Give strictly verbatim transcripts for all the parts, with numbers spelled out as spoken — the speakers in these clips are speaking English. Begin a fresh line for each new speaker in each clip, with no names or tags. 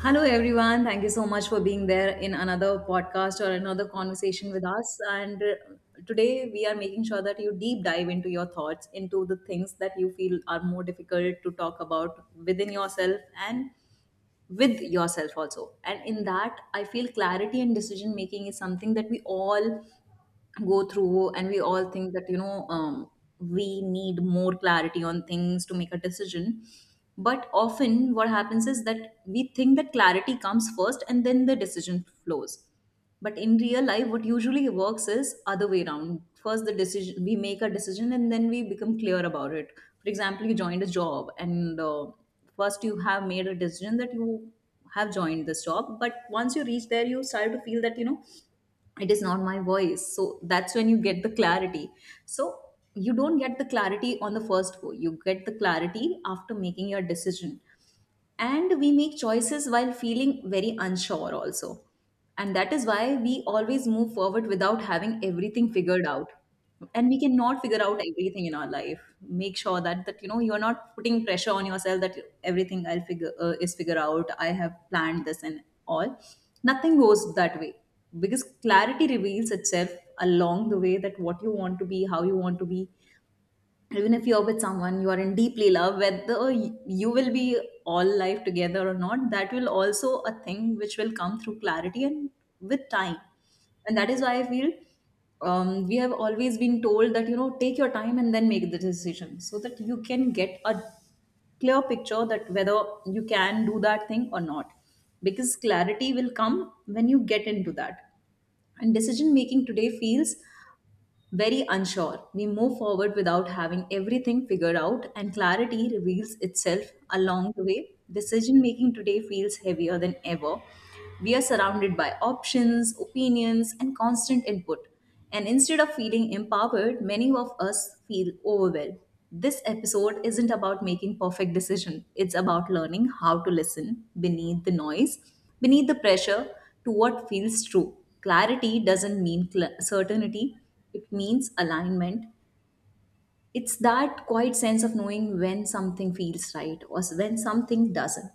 Hello, everyone. Thank you so much for being there in another podcast or another conversation with us. And uh, Today we are making sure that you deep dive into your thoughts, into the things that you feel are more difficult to talk about within yourself and with yourself also. And in that, I feel clarity and decision making is something that we all go through, and we all think that you know um, we need more clarity on things to make a decision, but often what happens is that we think that clarity comes first and then the decision flows. But in real life what usually works is other way around. First the decision, we make a decision and then we become clear about it. For example, you joined a job, and uh, first you have made a decision that you have joined this job, but once you reach there you start to feel that you know it is not my voice. So that's when you get the clarity. So you don't get the clarity on the first go, you get the clarity after making your decision. And we make choices while feeling very unsure also, and that is why we always move forward without having everything figured out. And we cannot figure out everything in our life. Make sure that that you know you are not putting pressure on yourself that everything I'll figure uh, is figure out, I have planned this and all. Nothing goes that way, because clarity reveals itself along the way, that what you want to be, how you want to be. Even if you're with someone you are in deeply love, whether you will be all life together or not, that will also a thing which will come through clarity and with time. And that is why I feel um, we have always been told that you know take your time and then make the decision so that you can get a clear picture that whether you can do that thing or not, because clarity will come when you get into that. And decision making today feels very unsure. We move forward without having everything figured out, and clarity reveals itself along the way. Decision making today feels heavier than ever. We are surrounded by options, opinions, and constant input. And instead of feeling empowered, many of us feel overwhelmed. This episode isn't about making perfect decision. It's about learning how to listen beneath the noise, beneath the pressure, to what feels true. Clarity doesn't mean cl- certainty, it means alignment. It's that quiet sense of knowing when something feels right or when something doesn't,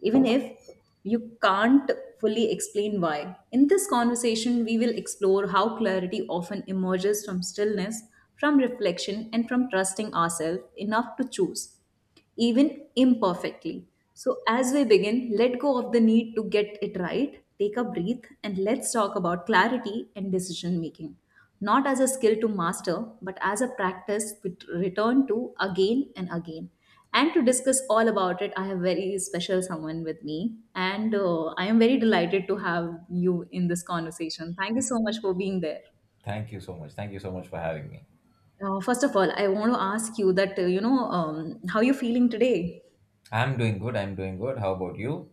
even if you can't fully explain why. In this conversation, we will explore how clarity often emerges from stillness, from reflection, and from trusting ourselves enough to choose even imperfectly. So, as we begin, let go of the need to get it right, take a breath, and let's talk about clarity and decision making. Not as a skill to master, but as a practice we return to again and again. And to discuss all about it, I have very special someone with me, and uh, I am very delighted to have you in this conversation. Thank you so much for being there.
Thank you so much. Thank you so much for having me.
Uh, first of all, I want to ask you that uh, you know um, how you feeling today.
I'm doing good. I'm doing good. How about you?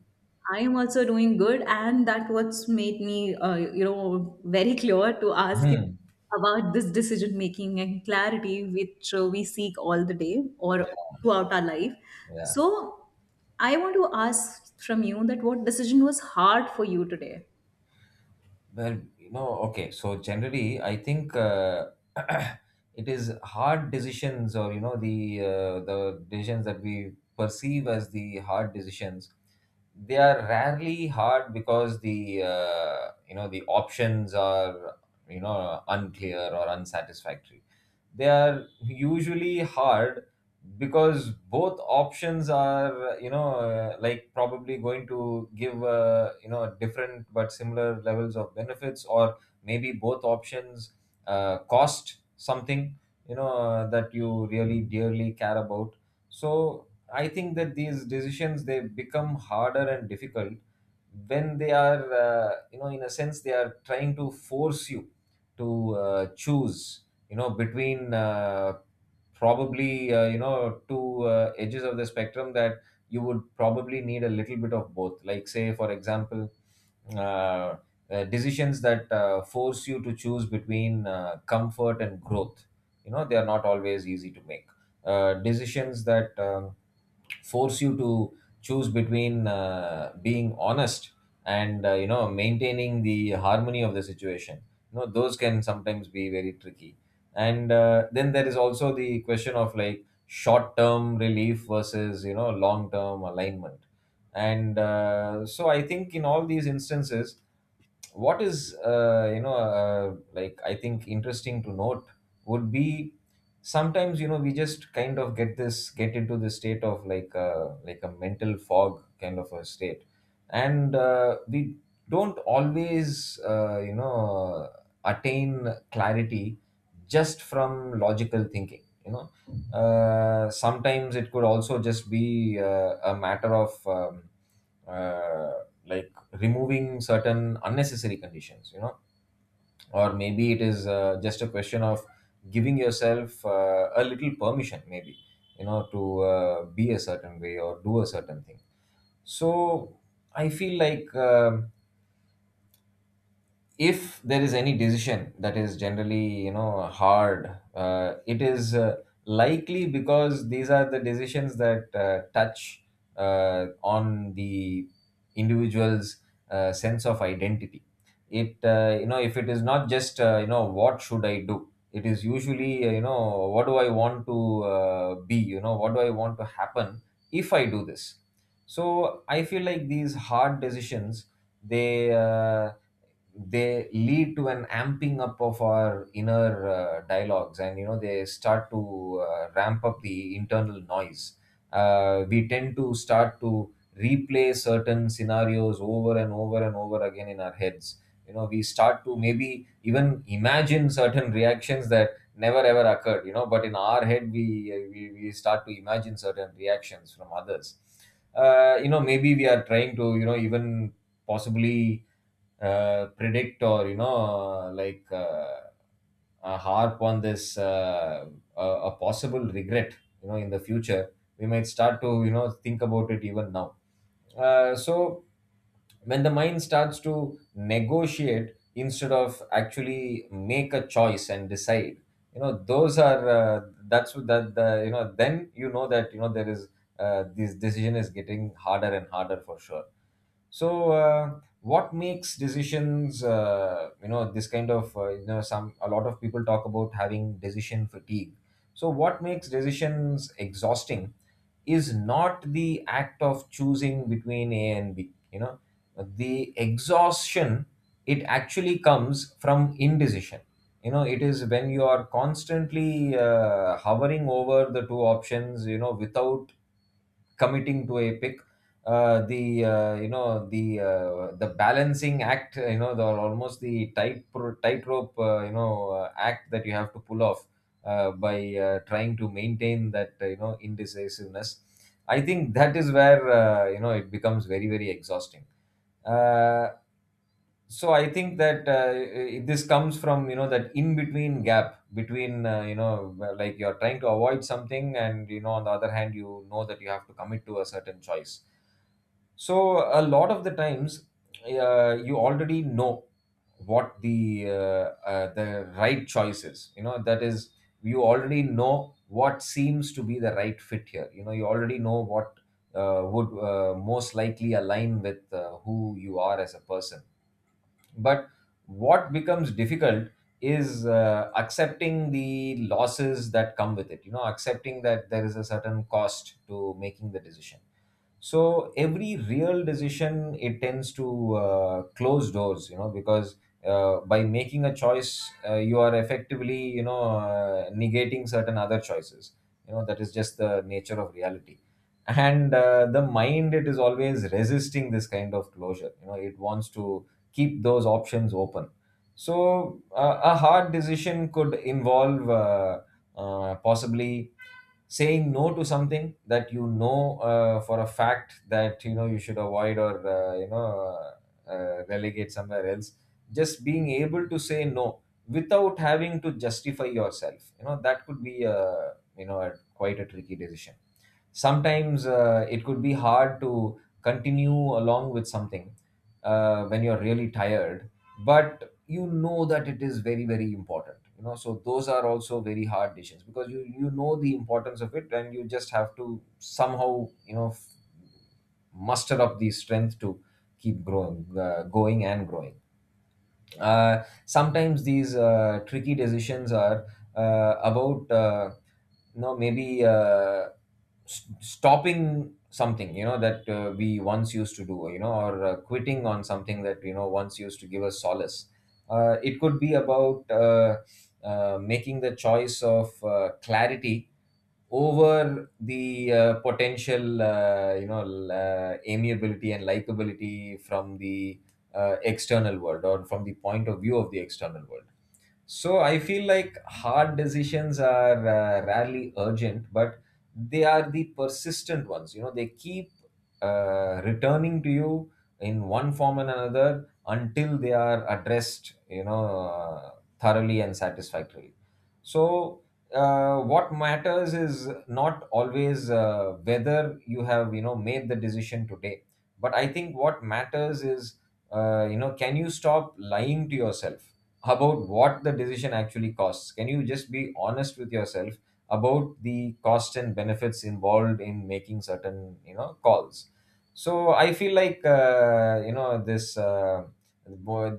I am also doing good, and that what's made me, uh, you know, very clear to ask you
Hmm.
about this decision making and clarity which uh, we seek all the day or
Yeah.
throughout our life.
Yeah.
So, I want to ask from you that what decision was hard for you today?
Well, you know, okay. So generally, I think uh, it is hard decisions, or you know, the uh, the decisions that we perceive as the hard decisions, they are rarely hard. Because the uh, you know, the options are, you know, unclear or unsatisfactory, they are usually hard because both options are, you know, uh, like probably going to give, uh, you know, different but similar levels of benefits, or maybe both options uh, cost something, you know, that you really dearly care about. So I think that these decisions, they become harder and difficult when they are, uh, you know, in a sense, they are trying to force you to uh, choose, you know, between uh, probably, uh, you know, two uh, edges of the spectrum that you would probably need a little bit of both. Like, say, for example, uh, uh, decisions that uh, force you to choose between uh, comfort and growth. You know, they are not always easy to make. Uh, decisions that um, force you to choose between uh, being honest and, uh, you know, maintaining the harmony of the situation, you know, those can sometimes be very tricky. And uh, then there is also the question of, like, short term relief versus, you know, long term alignment. And uh, so I think, in all these instances, what is, uh, you know, uh, like, I think, interesting to note would be, sometimes, you know, we just kind of get this get into the state of, like, a like a mental fog kind of a state. And uh, we don't always, uh, you know, attain clarity just from logical thinking, you know. Uh, sometimes it could also just be uh, a matter of, um, uh, like, removing certain unnecessary conditions, you know, or maybe it is, uh, just a question of giving yourself uh, a little permission, maybe, you know, to uh, be a certain way or do a certain thing. So I feel like, um if there is any decision that is generally, you know, hard, uh, it is uh, likely because these are the decisions that uh, touch uh, on the individual's uh, sense of identity. It, uh, you know, if it is not just, uh, you know, what should I do, it is usually, uh, you know, what do I want to uh, be, you know, what do I want to happen if I do this. So I feel like these hard decisions, they uh, they lead to an amping up of our inner uh, dialogues. And you know, they start to uh, ramp up the internal noise. Uh, we tend to start to replay certain scenarios over and over and over again in our heads. You know, we start to maybe even imagine certain reactions that never ever occurred, you know, but in our head we, uh, we, we start to imagine certain reactions from others. Uh, you know, maybe we are trying to, you know, even possibly uh, predict, or, you know, like, uh, uh, harp on this, uh, a, a possible regret, you know, in the future. We might start to, you know, think about it even now. Uh, so when the mind starts to negotiate instead of actually make a choice and decide, you know, those are, uh, that's what that the you know then you know that you know there is, uh, this decision is getting harder and harder, for sure. So, uh, what makes decisions? Uh, you know, this kind of, uh, you know, some a lot of people talk about having decision fatigue. So, what makes decisions exhausting is not the act of choosing between A and B. You know, the exhaustion, it actually comes from indecision. You know, it is when you are constantly uh, hovering over the two options, you know, without committing to a pick. Uh, the uh, You know, the uh, the balancing act, you know, the almost the tight pro- tightrope, uh, you know, uh, act that you have to pull off, uh, by uh, trying to maintain that, uh, you know, indecisiveness, I think that is where, uh, you know, it becomes very, very exhausting. Uh, so I think that, uh, i- this comes from, you know, that in between gap between, uh, you know, where, like, you're trying to avoid something, and, you know, on the other hand, you know that you have to commit to a certain choice. So a lot of the times, uh, you already know what the uh, uh, the right choice is. You know, that is, you already know what seems to be the right fit here. You know, you already know what uh, would, uh, most likely align with, uh, who you are as a person. But what becomes difficult is uh, accepting the losses that come with it. You know, accepting that there is a certain cost to making the decision. So every real decision, it tends to uh, close doors. You know, because uh, by making a choice, uh, you are effectively, you know, uh, negating certain other choices. You know, that is just the nature of reality. And uh, the mind, it is always resisting this kind of closure. You know, it wants to keep those options open. So uh, a hard decision could involve, uh, uh, possibly, saying no to something that you know, uh, for a fact that you know you should avoid, or, uh, you know, uh, uh, relegate somewhere else. Just being able to say no without having to justify yourself, you know, that could be a, you know, a, quite a tricky decision. Sometimes uh, it could be hard to continue along with something uh, when you're really tired, but you know that it is very, very important. You know, so those are also very hard decisions, because you you know the importance of it, and you just have to somehow, you know, f- muster up the strength to keep growing uh, going and growing. Uh, sometimes these uh, tricky decisions are uh, about, uh, you know, maybe, uh, s- stopping something, you know, that uh, we once used to do, you know, or uh, quitting on something that, you know, once used to give us solace. Uh, it could be about, uh, uh, making the choice of uh, clarity over the, uh, potential, uh, you know, l- uh, amiability and likability from the, uh, external world, or from the point of view of the external world. So I feel like hard decisions are, uh, rarely urgent, but they are the persistent ones. You know, they keep uh, returning to you in one form and another until they are addressed, you know, uh, thoroughly and satisfactorily. So uh, what matters is not always, uh, whether you have, you know, made the decision today, but I think what matters is, uh, you know, can you stop lying to yourself about what the decision actually costs? Can you just be honest with yourself about the cost and benefits involved in making certain, you know, calls? So I feel like, uh, you know, this, uh,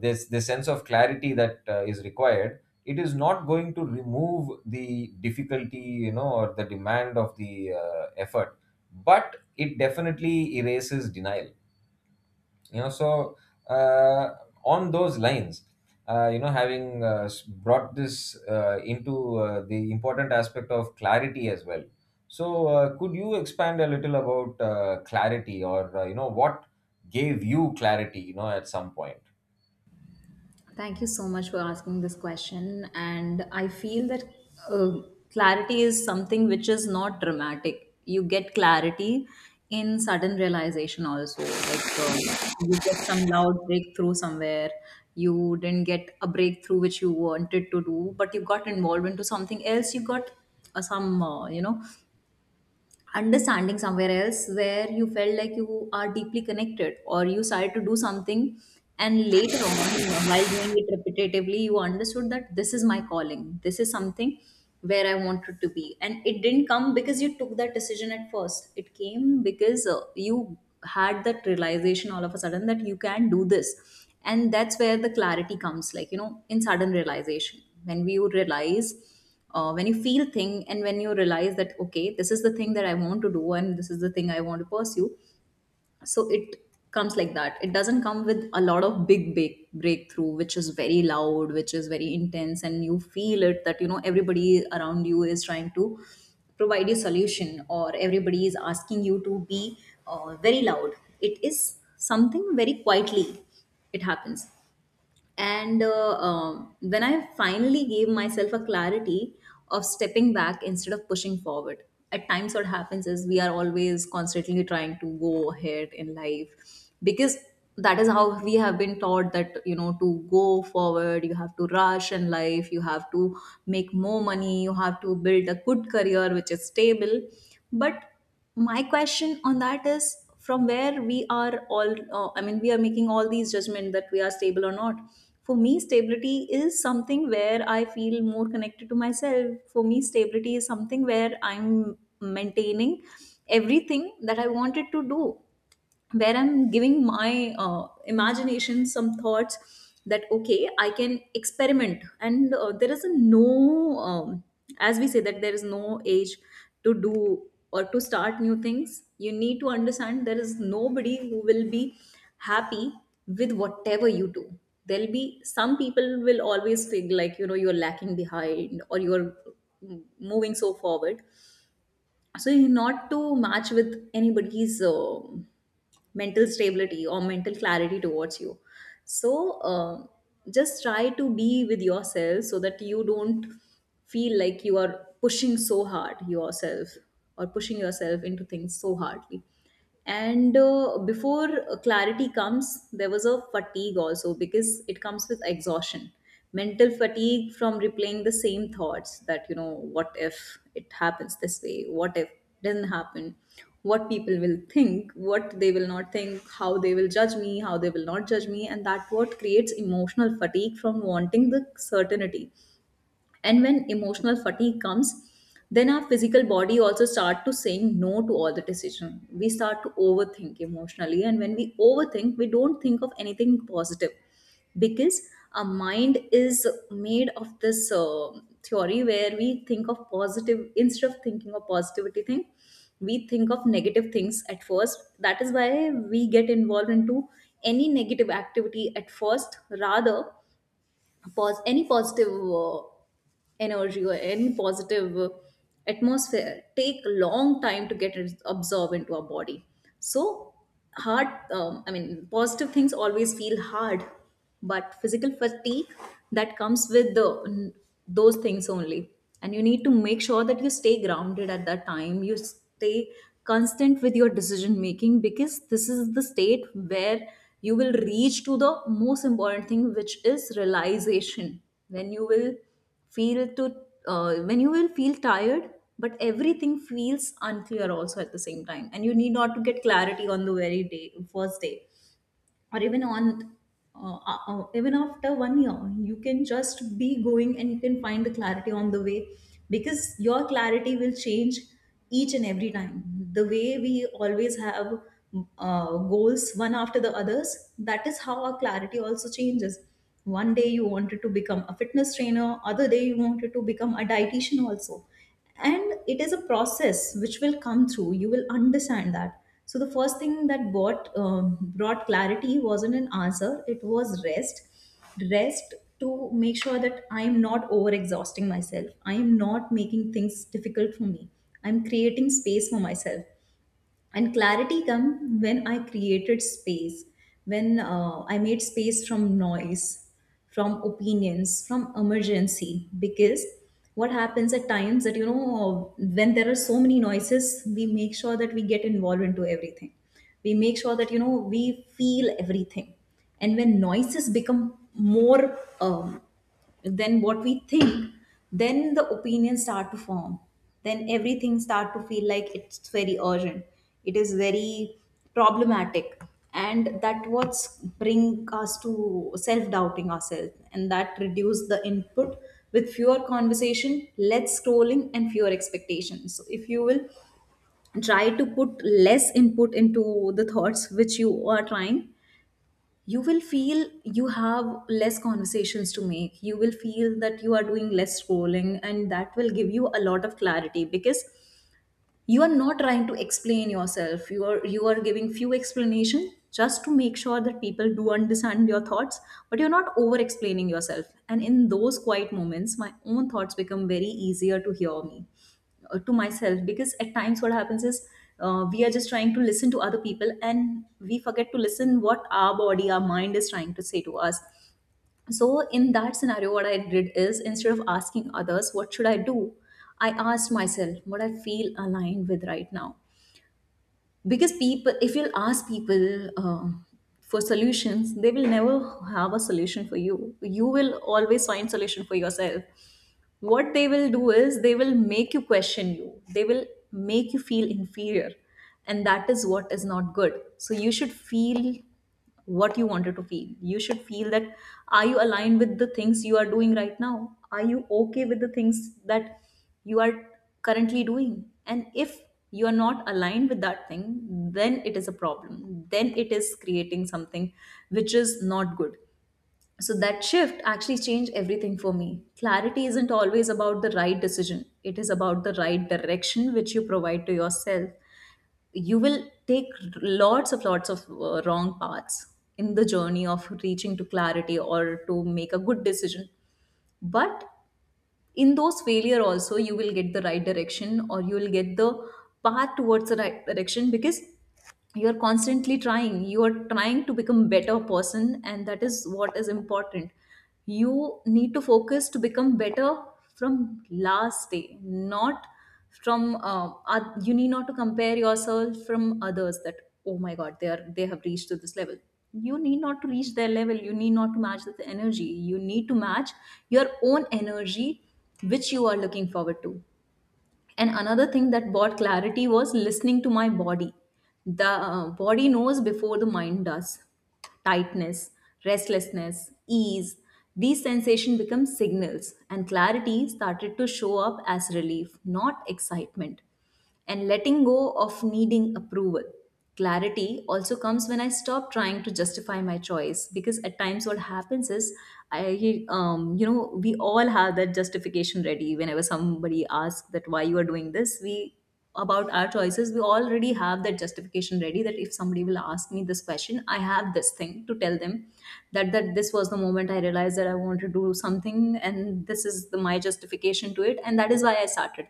this this sense of clarity that uh, is required, it is not going to remove the difficulty, you know, or the demand of the, uh, effort, but it definitely erases denial, you know. So uh, on those lines, uh, you know, having, uh, s- brought this uh, into, uh, the important aspect of clarity as well, so uh, could you expand a little about, uh, clarity, or, uh, you know, what gave you clarity, you know, at some point?
Thank you so much for asking this question. And I feel that uh, clarity is something which is not dramatic. You get clarity in sudden realization, also. Like um, you get some loud breakthrough somewhere. You didn't get a breakthrough which you wanted to do, but you got involved into something else. You got uh, some, uh, you know, understanding somewhere else where you felt like you are deeply connected, or you started to do something and later on, while doing it repetitively, you understood that this is my calling, this is something where I wanted to be. And it didn't come because you took that decision at first, it came because uh, you had that realization all of a sudden that you can do this. And that's where the clarity comes, like you know, in sudden realization, when we would realize uh, when you feel thing and when you realize that okay, this is the thing that I want to do and this is the thing I want to pursue. So it comes like that. It doesn't come with a lot of big big breakthrough which is very loud, which is very intense, and you feel it that you know everybody around you is trying to provide a solution, or everybody is asking you to be uh, very loud. It is something very quietly it happens. And uh, um, when I finally gave myself a clarity of stepping back instead of pushing forward, at times what happens is we are always constantly trying to go ahead in life because that is how we have been taught, that you know to go forward you have to rush in life, you have to make more money, you have to build a good career which is stable. But my question on that is, from where we are all uh, I mean, we are making all these judgments that we are stable or not. For me, stability is something where I feel more connected to myself. For me, stability is something where I'm maintaining everything that I wanted to do, where I'm giving my uh, imagination some thoughts that okay, I can experiment, and uh, there is a no, um, as we say that there is no age to do or to start new things. You need to understand there is nobody who will be happy with whatever you do. There'll be some people will always feel like you know you're lacking behind, or you're mm, moving so forward. So not to match with anybody's uh, mental stability or mental clarity towards you. So uh, just try to be with yourself so that you don't feel like you are pushing so hard yourself or pushing yourself into things so hardly. And uh, Before clarity comes, there was a fatigue also, because it comes with exhaustion. Mental fatigue from replaying the same thoughts that you know, what if it happens this way, what if it doesn't happen, what people will think, what they will not think, how they will judge me, how they will not judge me. And that what creates emotional fatigue from wanting the certainty. And when emotional fatigue comes, then our physical body also start to saying no to all the decision. We start to overthink emotionally, and when we overthink we don't think of anything positive. Because our mind is made of this uh, theory where we think of positive, instead of thinking of positivity thing, we think of negative things at first. That is why we get involved into any negative activity at first, rather pos- any positive uh, energy or any positive uh, atmosphere take a long time to get it absorbed into our body. So hard um, I mean, positive things always feel hard. But physical fatigue that comes with the those things only. And you need to make sure that you stay grounded at that time, you stay constant with your decision making, because this is the state where you will reach to the most important thing, which is realization. When you will feel to uh, when you will feel tired, but everything feels unclear also at the same time. And you need not to get clarity on the very day, first day, or even on uh, uh, uh, even after one year. You can just be going and you can find the clarity on the way, because your clarity will change each and every time. The way we always have uh, goals one after the others, that is how our clarity also changes. One day you wanted to become a fitness trainer, other day you wanted to become a dietitian also. And it is a process which will come through, you will understand that. So the first thing that brought um, brought clarity wasn't an answer, it was rest. Rest to make sure that I am not over exhausting myself, I am not making things difficult for me, I'm creating space for myself. And clarity come when I created space, when uh, I made space from noise, from opinions, from emergency. Because what happens at times that you know when there are so many noises, we make sure that we get involved into everything, we make sure that you know we feel everything. And when noises become more um, then what we think, then The opinions start to form, then everything start to feel like it's very urgent. It is very problematic, and that what's bring us to self-doubting ourselves, and that reduce the input with fewer conversation, less scrolling, and fewer expectations. So if you will try to put less input into the thoughts which you are trying, you will feel you have less conversations to make, you will feel that you are doing less scrolling, and that will give you a lot of clarity, because you are not trying to explain yourself. You are you are giving few explanation just to make sure that people do understand your thoughts, but you're not over explaining yourself. And in those quiet moments, my own thoughts become very easier to hear me, uh, to myself, because at times what happens is, uh, we are just trying to listen to other people and we forget to listen what our body, our mind is trying to say to us. So in that scenario, what I did is, instead of asking others what should I do, I asked myself what I feel aligned with right now. Because people, if you'll ask people uh, for solutions, they will never have a solution for you. You will always find solution for yourself. What they will do is, they will make you question you, they will make you feel inferior, and that is what is not good. So you should feel what you wanted to feel. You should feel that, are you aligned with the things you are doing right now? Are you okay with the things that you are currently doing? And if you are not aligned with that thing, then it is a problem, then it is creating something which is not good. So that shift actually changed everything for me. Clarity isn't always about the right decision, it is about the right direction which you provide to yourself. You will take lots of lots of uh, wrong paths in the journey of reaching to clarity or to make a good decision. But in those failure also, you will get the right direction, or you will get the path towards the right direction, because you are constantly trying, you are trying to become better person, and that is what is important. You need to focus to become better from last day, not from uh, oth- you need not to compare yourself from others that, oh my god, they are, they have reached to this level. You need not to reach their level, you need not to match the energy, you need to match your own energy which you are looking forward to. And another thing that brought clarity was listening to my body. The uh, body knows before the mind does. Tightness, restlessness, ease, these sensations become signals, and clarity started to show up as relief, not excitement and letting go of needing approval. Clarity also comes when I stop trying to justify my choice, because at times what happens is, I um, you know we all have that justification ready whenever somebody asks that, why you are doing this? We about our choices, we already have that justification ready, that if somebody will ask me this question, I have this thing to tell them that that this was the moment I realized that I want to do something, and this is the my justification to it, and that is why I started.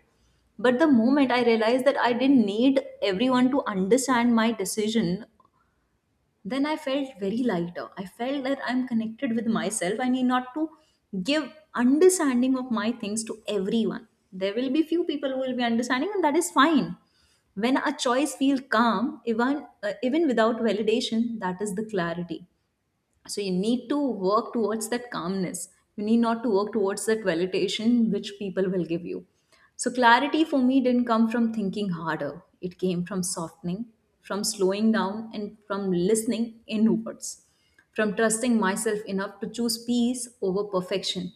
But the moment I realized that I didn't need everyone to understand my decision, then I felt very lighter. I felt that I'm connected with myself. I need not to give understanding of my things to everyone. There will be few people who will be understanding, and that is fine. When a choice feels calm, even uh, even without validation, that is the clarity. So you need to work towards that calmness. You need not to work towards that validation which people will give you. So clarity for me didn't come from thinking harder. It came from softening, from slowing down, and from listening inwards, from trusting myself enough to choose peace over perfection.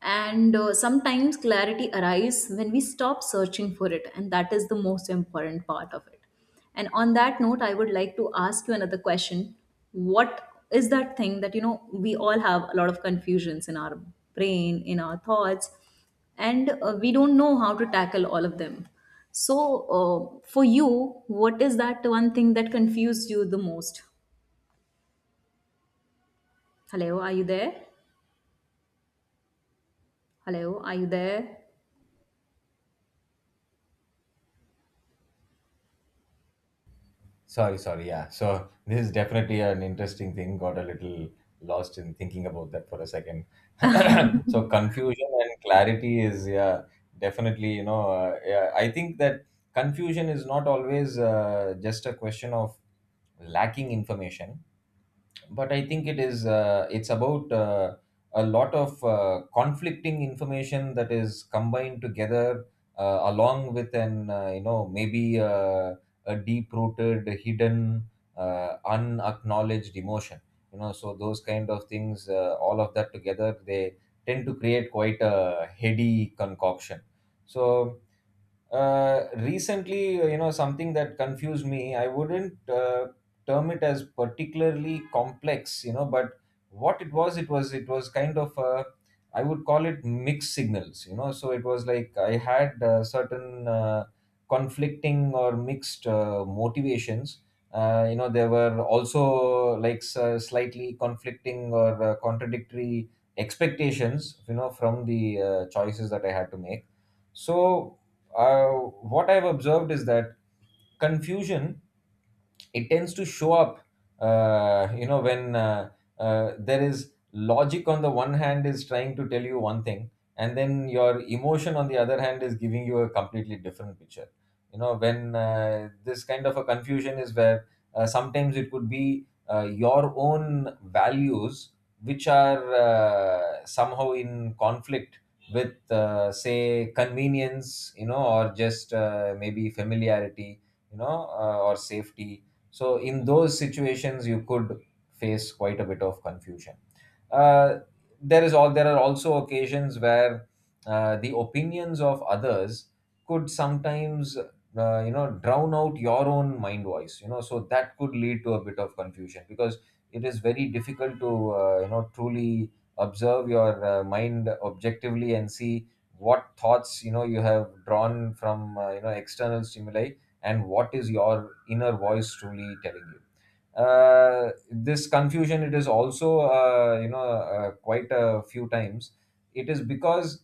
And uh, sometimes clarity arrives when we stop searching for it, and that is the most important part of it. And on that note, I would like to ask you another question. What is that thing that, you know, we all have a lot of confusions in our brain, in our thoughts, and uh, we don't know how to tackle all of them. So uh, for you, what is that one thing that confused you the most? Hello, are you there? Hello, are you there?
Sorry, sorry. Yeah. So this is definitely an interesting thing. Got a little lost in thinking about that for a second. So confusion and clarity is, yeah, definitely, you know uh, yeah, I think that confusion is not always uh, just a question of lacking information, but I think it is uh, it's about uh, a lot of uh, conflicting information that is combined together, uh, along with an uh, you know maybe uh, a deep rooted hidden, uh, unacknowledged emotion. You know, so those kind of things, uh, all of that together, they tend to create quite a heady concoction. So uh, recently, uh, you know something that confused me, I wouldn't uh, term it as particularly complex, you know, but what it was it was it was kind of, uh, I would call it mixed signals. You know, so it was like I had uh, certain, uh, conflicting or mixed uh, motivations. Uh, you know, there were also like s- slightly conflicting or uh, contradictory expectations, you know, from the uh, choices that I had to make. So, uh, what I've observed is that confusion, it tends to show up uh, you know when uh, uh, there is logic on the one hand is trying to tell you one thing, and then your emotion on the other hand is giving you a completely different picture. You know, when uh, this kind of a confusion is where, uh, sometimes it could be uh, your own values which are uh, somehow in conflict with, uh, say, convenience, you know, or just uh, maybe familiarity, you know, uh, or safety. So in those situations, you could face quite a bit of confusion. uh, there is all there are also occasions where uh, the opinions of others could sometimes, uh, you know, drown out your own mind voice. You know, so that could lead to a bit of confusion because it is very difficult to, uh, you know, truly observe your uh, mind objectively and see what thoughts, you know, you have drawn from, uh, you know, external stimuli, and what is your inner voice truly telling you. Uh, this confusion, it is also, uh, you know uh, quite a few times, it is because,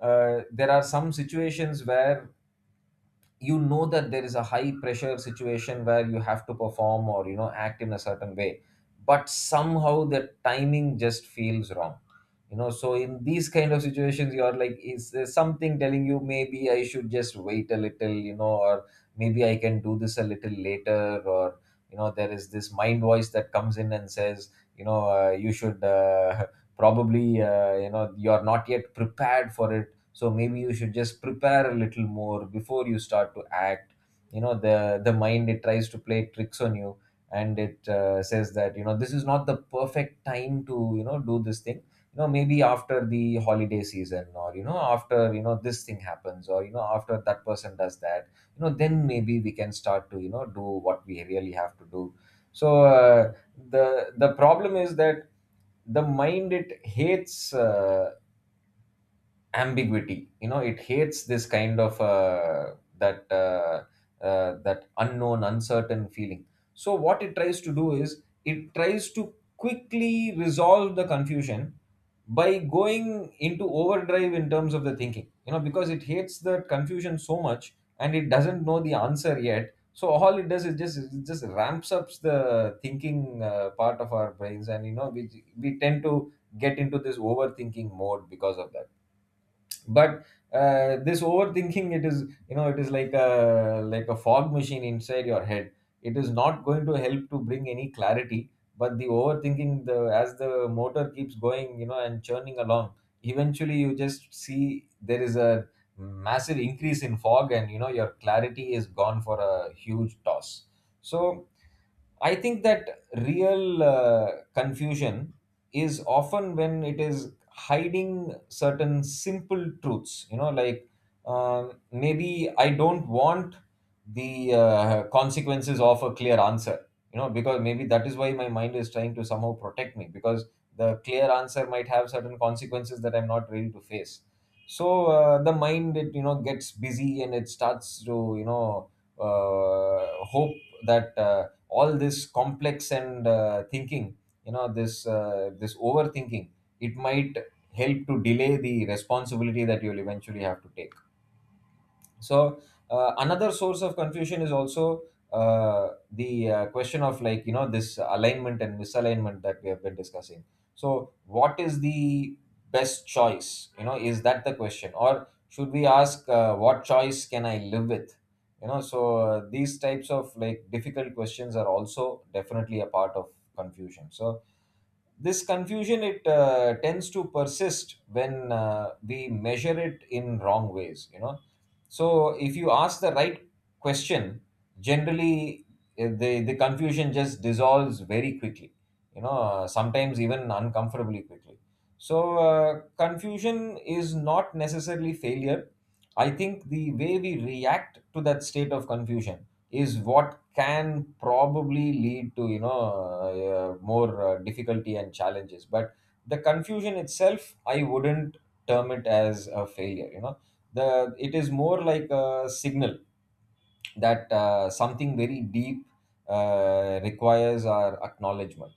uh, there are some situations where, you know, that there is a high pressure situation where you have to perform or, you know, act in a certain way, but somehow the timing just feels wrong. You know, so in these kind of situations, you are like, is there something telling you, maybe I should just wait a little, you know, or maybe I can do this a little later, or, you know, there is this mind voice that comes in and says, you know, uh, you should, uh, probably, uh, you know, you are not yet prepared for it. So maybe you should just prepare a little more before you start to act. You know, the the mind, it tries to play tricks on you, and it uh, says that, you know, this is not the perfect time to, you know, do this thing. You know, maybe after the holiday season, or, you know, after, you know, this thing happens, or, you know, after that person does that, you know, then maybe we can start to, you know, do what we really have to do. So uh, the the problem is that the mind, it hates, uh, ambiguity. You know, it hates this kind of, uh, that uh, uh, that unknown uncertain feeling. So what it tries to do is it tries to quickly resolve the confusion by going into overdrive in terms of the thinking, you know, because it hates the confusion so much and it doesn't know the answer yet, so all it does is just it just ramps up the thinking uh, part of our brains, and, you know, we we tend to get into this overthinking mode because of that. But uh, this overthinking, it is, you know, it is like a like a fog machine inside your head. It is not going to help to bring any clarity, but the overthinking, the as the motor keeps going, you know, and churning along, eventually you just see there is a massive increase in fog, and, you know, your clarity is gone for a huge toss. So I think that real uh, confusion is often when it is hiding certain simple truths, you know, like, um, maybe I don't want the uh, consequences of a clear answer, you know, because maybe that is why my mind is trying to somehow protect me because the clear answer might have certain consequences that I'm not ready to face. So uh, the mind, it, you know, gets busy and it starts to, you know, uh, hope that. Uh, all this complex and uh, thinking, you know, this, uh, this overthinking, it might help to delay the responsibility that you'll eventually have to take. So uh, another source of confusion is also, uh, the uh, question of, like, you know, this alignment and misalignment that we have been discussing. So what is the best choice, you know, is that the question, or should we ask, uh, what choice can I live with? You know, so uh, these types of, like, difficult questions are also definitely a part of confusion. So this confusion, it uh, tends to persist when uh, we measure it in wrong ways. You know, so if you ask the right question, generally, eh, the the confusion just dissolves very quickly. You know, uh, sometimes even uncomfortably quickly. So uh, confusion is not necessarily failure. I think the way we react to that state of confusion is what can probably lead to, you know, uh, uh, more uh, difficulty and challenges, but the confusion itself, I wouldn't term it as a failure. You know, the it is more like a signal that uh, something very deep, uh, requires our acknowledgement.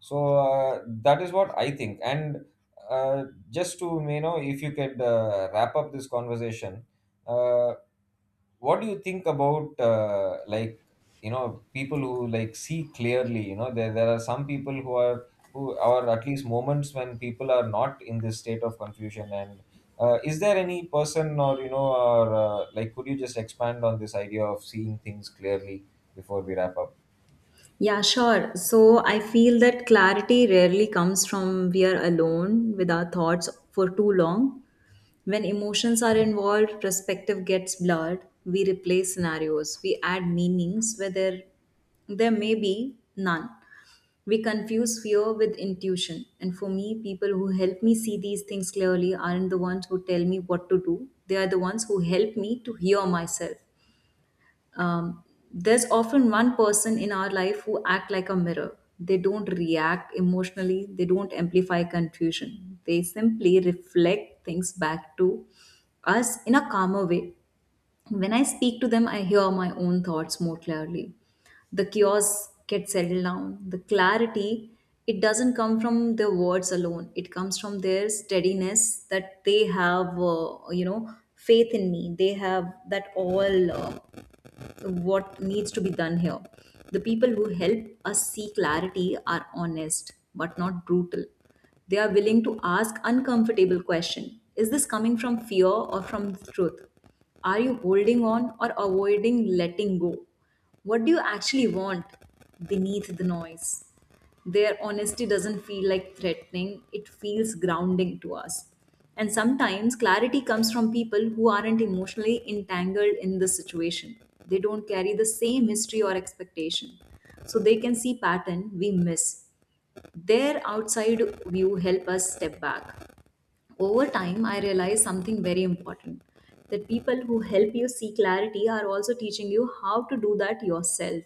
So uh, that is what I think. And uh, just to, you know, if you could uh, wrap up this conversation, uh, what do you think about, uh, like, you know, people who, like, see clearly? You know, there, there are some people who are who are, at least moments when people are not in this state of confusion, and uh, is there any person, or, you know, or uh, like, could you just expand on this idea of seeing things clearly before we wrap up?
Yeah, sure. So I feel that clarity rarely comes from we are alone with our thoughts for too long. When emotions are
Hmm.
involved, perspective gets blurred. We replace scenarios. We add meanings where there, there may be none. We confuse fear with intuition. And for me, people who help me see these things clearly aren't the ones who tell me what to do. They are the ones who help me to hear myself. um, there's often one person in our life who act like a mirror. They don't react emotionally, they don't amplify confusion, they simply reflect things back to us in a calmer way. When I speak to them, I hear my own thoughts more clearly. The chaos gets settled down. The clarity, it doesn't come from their words alone, it comes from their steadiness, that they have, uh, you know, faith in me. They have that all uh, what needs to be done here. The people who help us see clarity are honest but not brutal. They are willing to ask uncomfortable question. Is this coming from fear or from the truth? Are you holding on or avoiding letting go? What do you actually want beneath the noise? Their honesty doesn't feel like threatening, it feels grounding to us. And sometimes clarity comes from people who aren't emotionally entangled in the situation. They don't carry the same history or expectation. So they can see pattern we miss. Their outside view help us step back. Over time, I realized something very important, that people who help you see clarity are also teaching you how to do that yourself.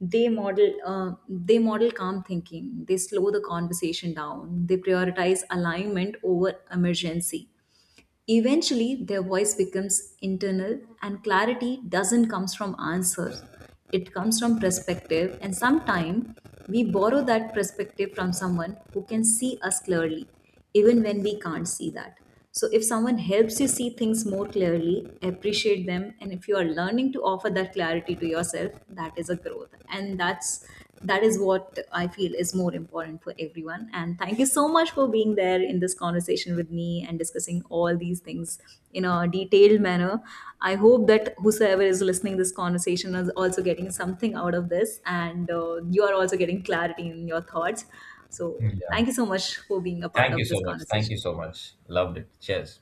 They model uh, they model calm thinking, they slow the conversation down, they prioritize alignment over emergency. Eventually, their voice becomes internal, and clarity doesn't come from answers. It comes from perspective, and sometimes we borrow that perspective from someone who can see us clearly, even when we can't see that. So if someone helps you see things more clearly, appreciate them, and if you are learning to offer that clarity to yourself, that is a growth growth and that's that is what I feel is more important for everyone. And thank you so much for being there in this conversation with me and discussing all these things in a detailed manner. I hope that whosoever is listening this conversation is also getting something out of this, and uh, you are also getting clarity in your thoughts. So
Yeah.
thank you so much for being a part
Thank you
of
so
this
much. Thank you
conversation.
so much. Loved it. Cheers.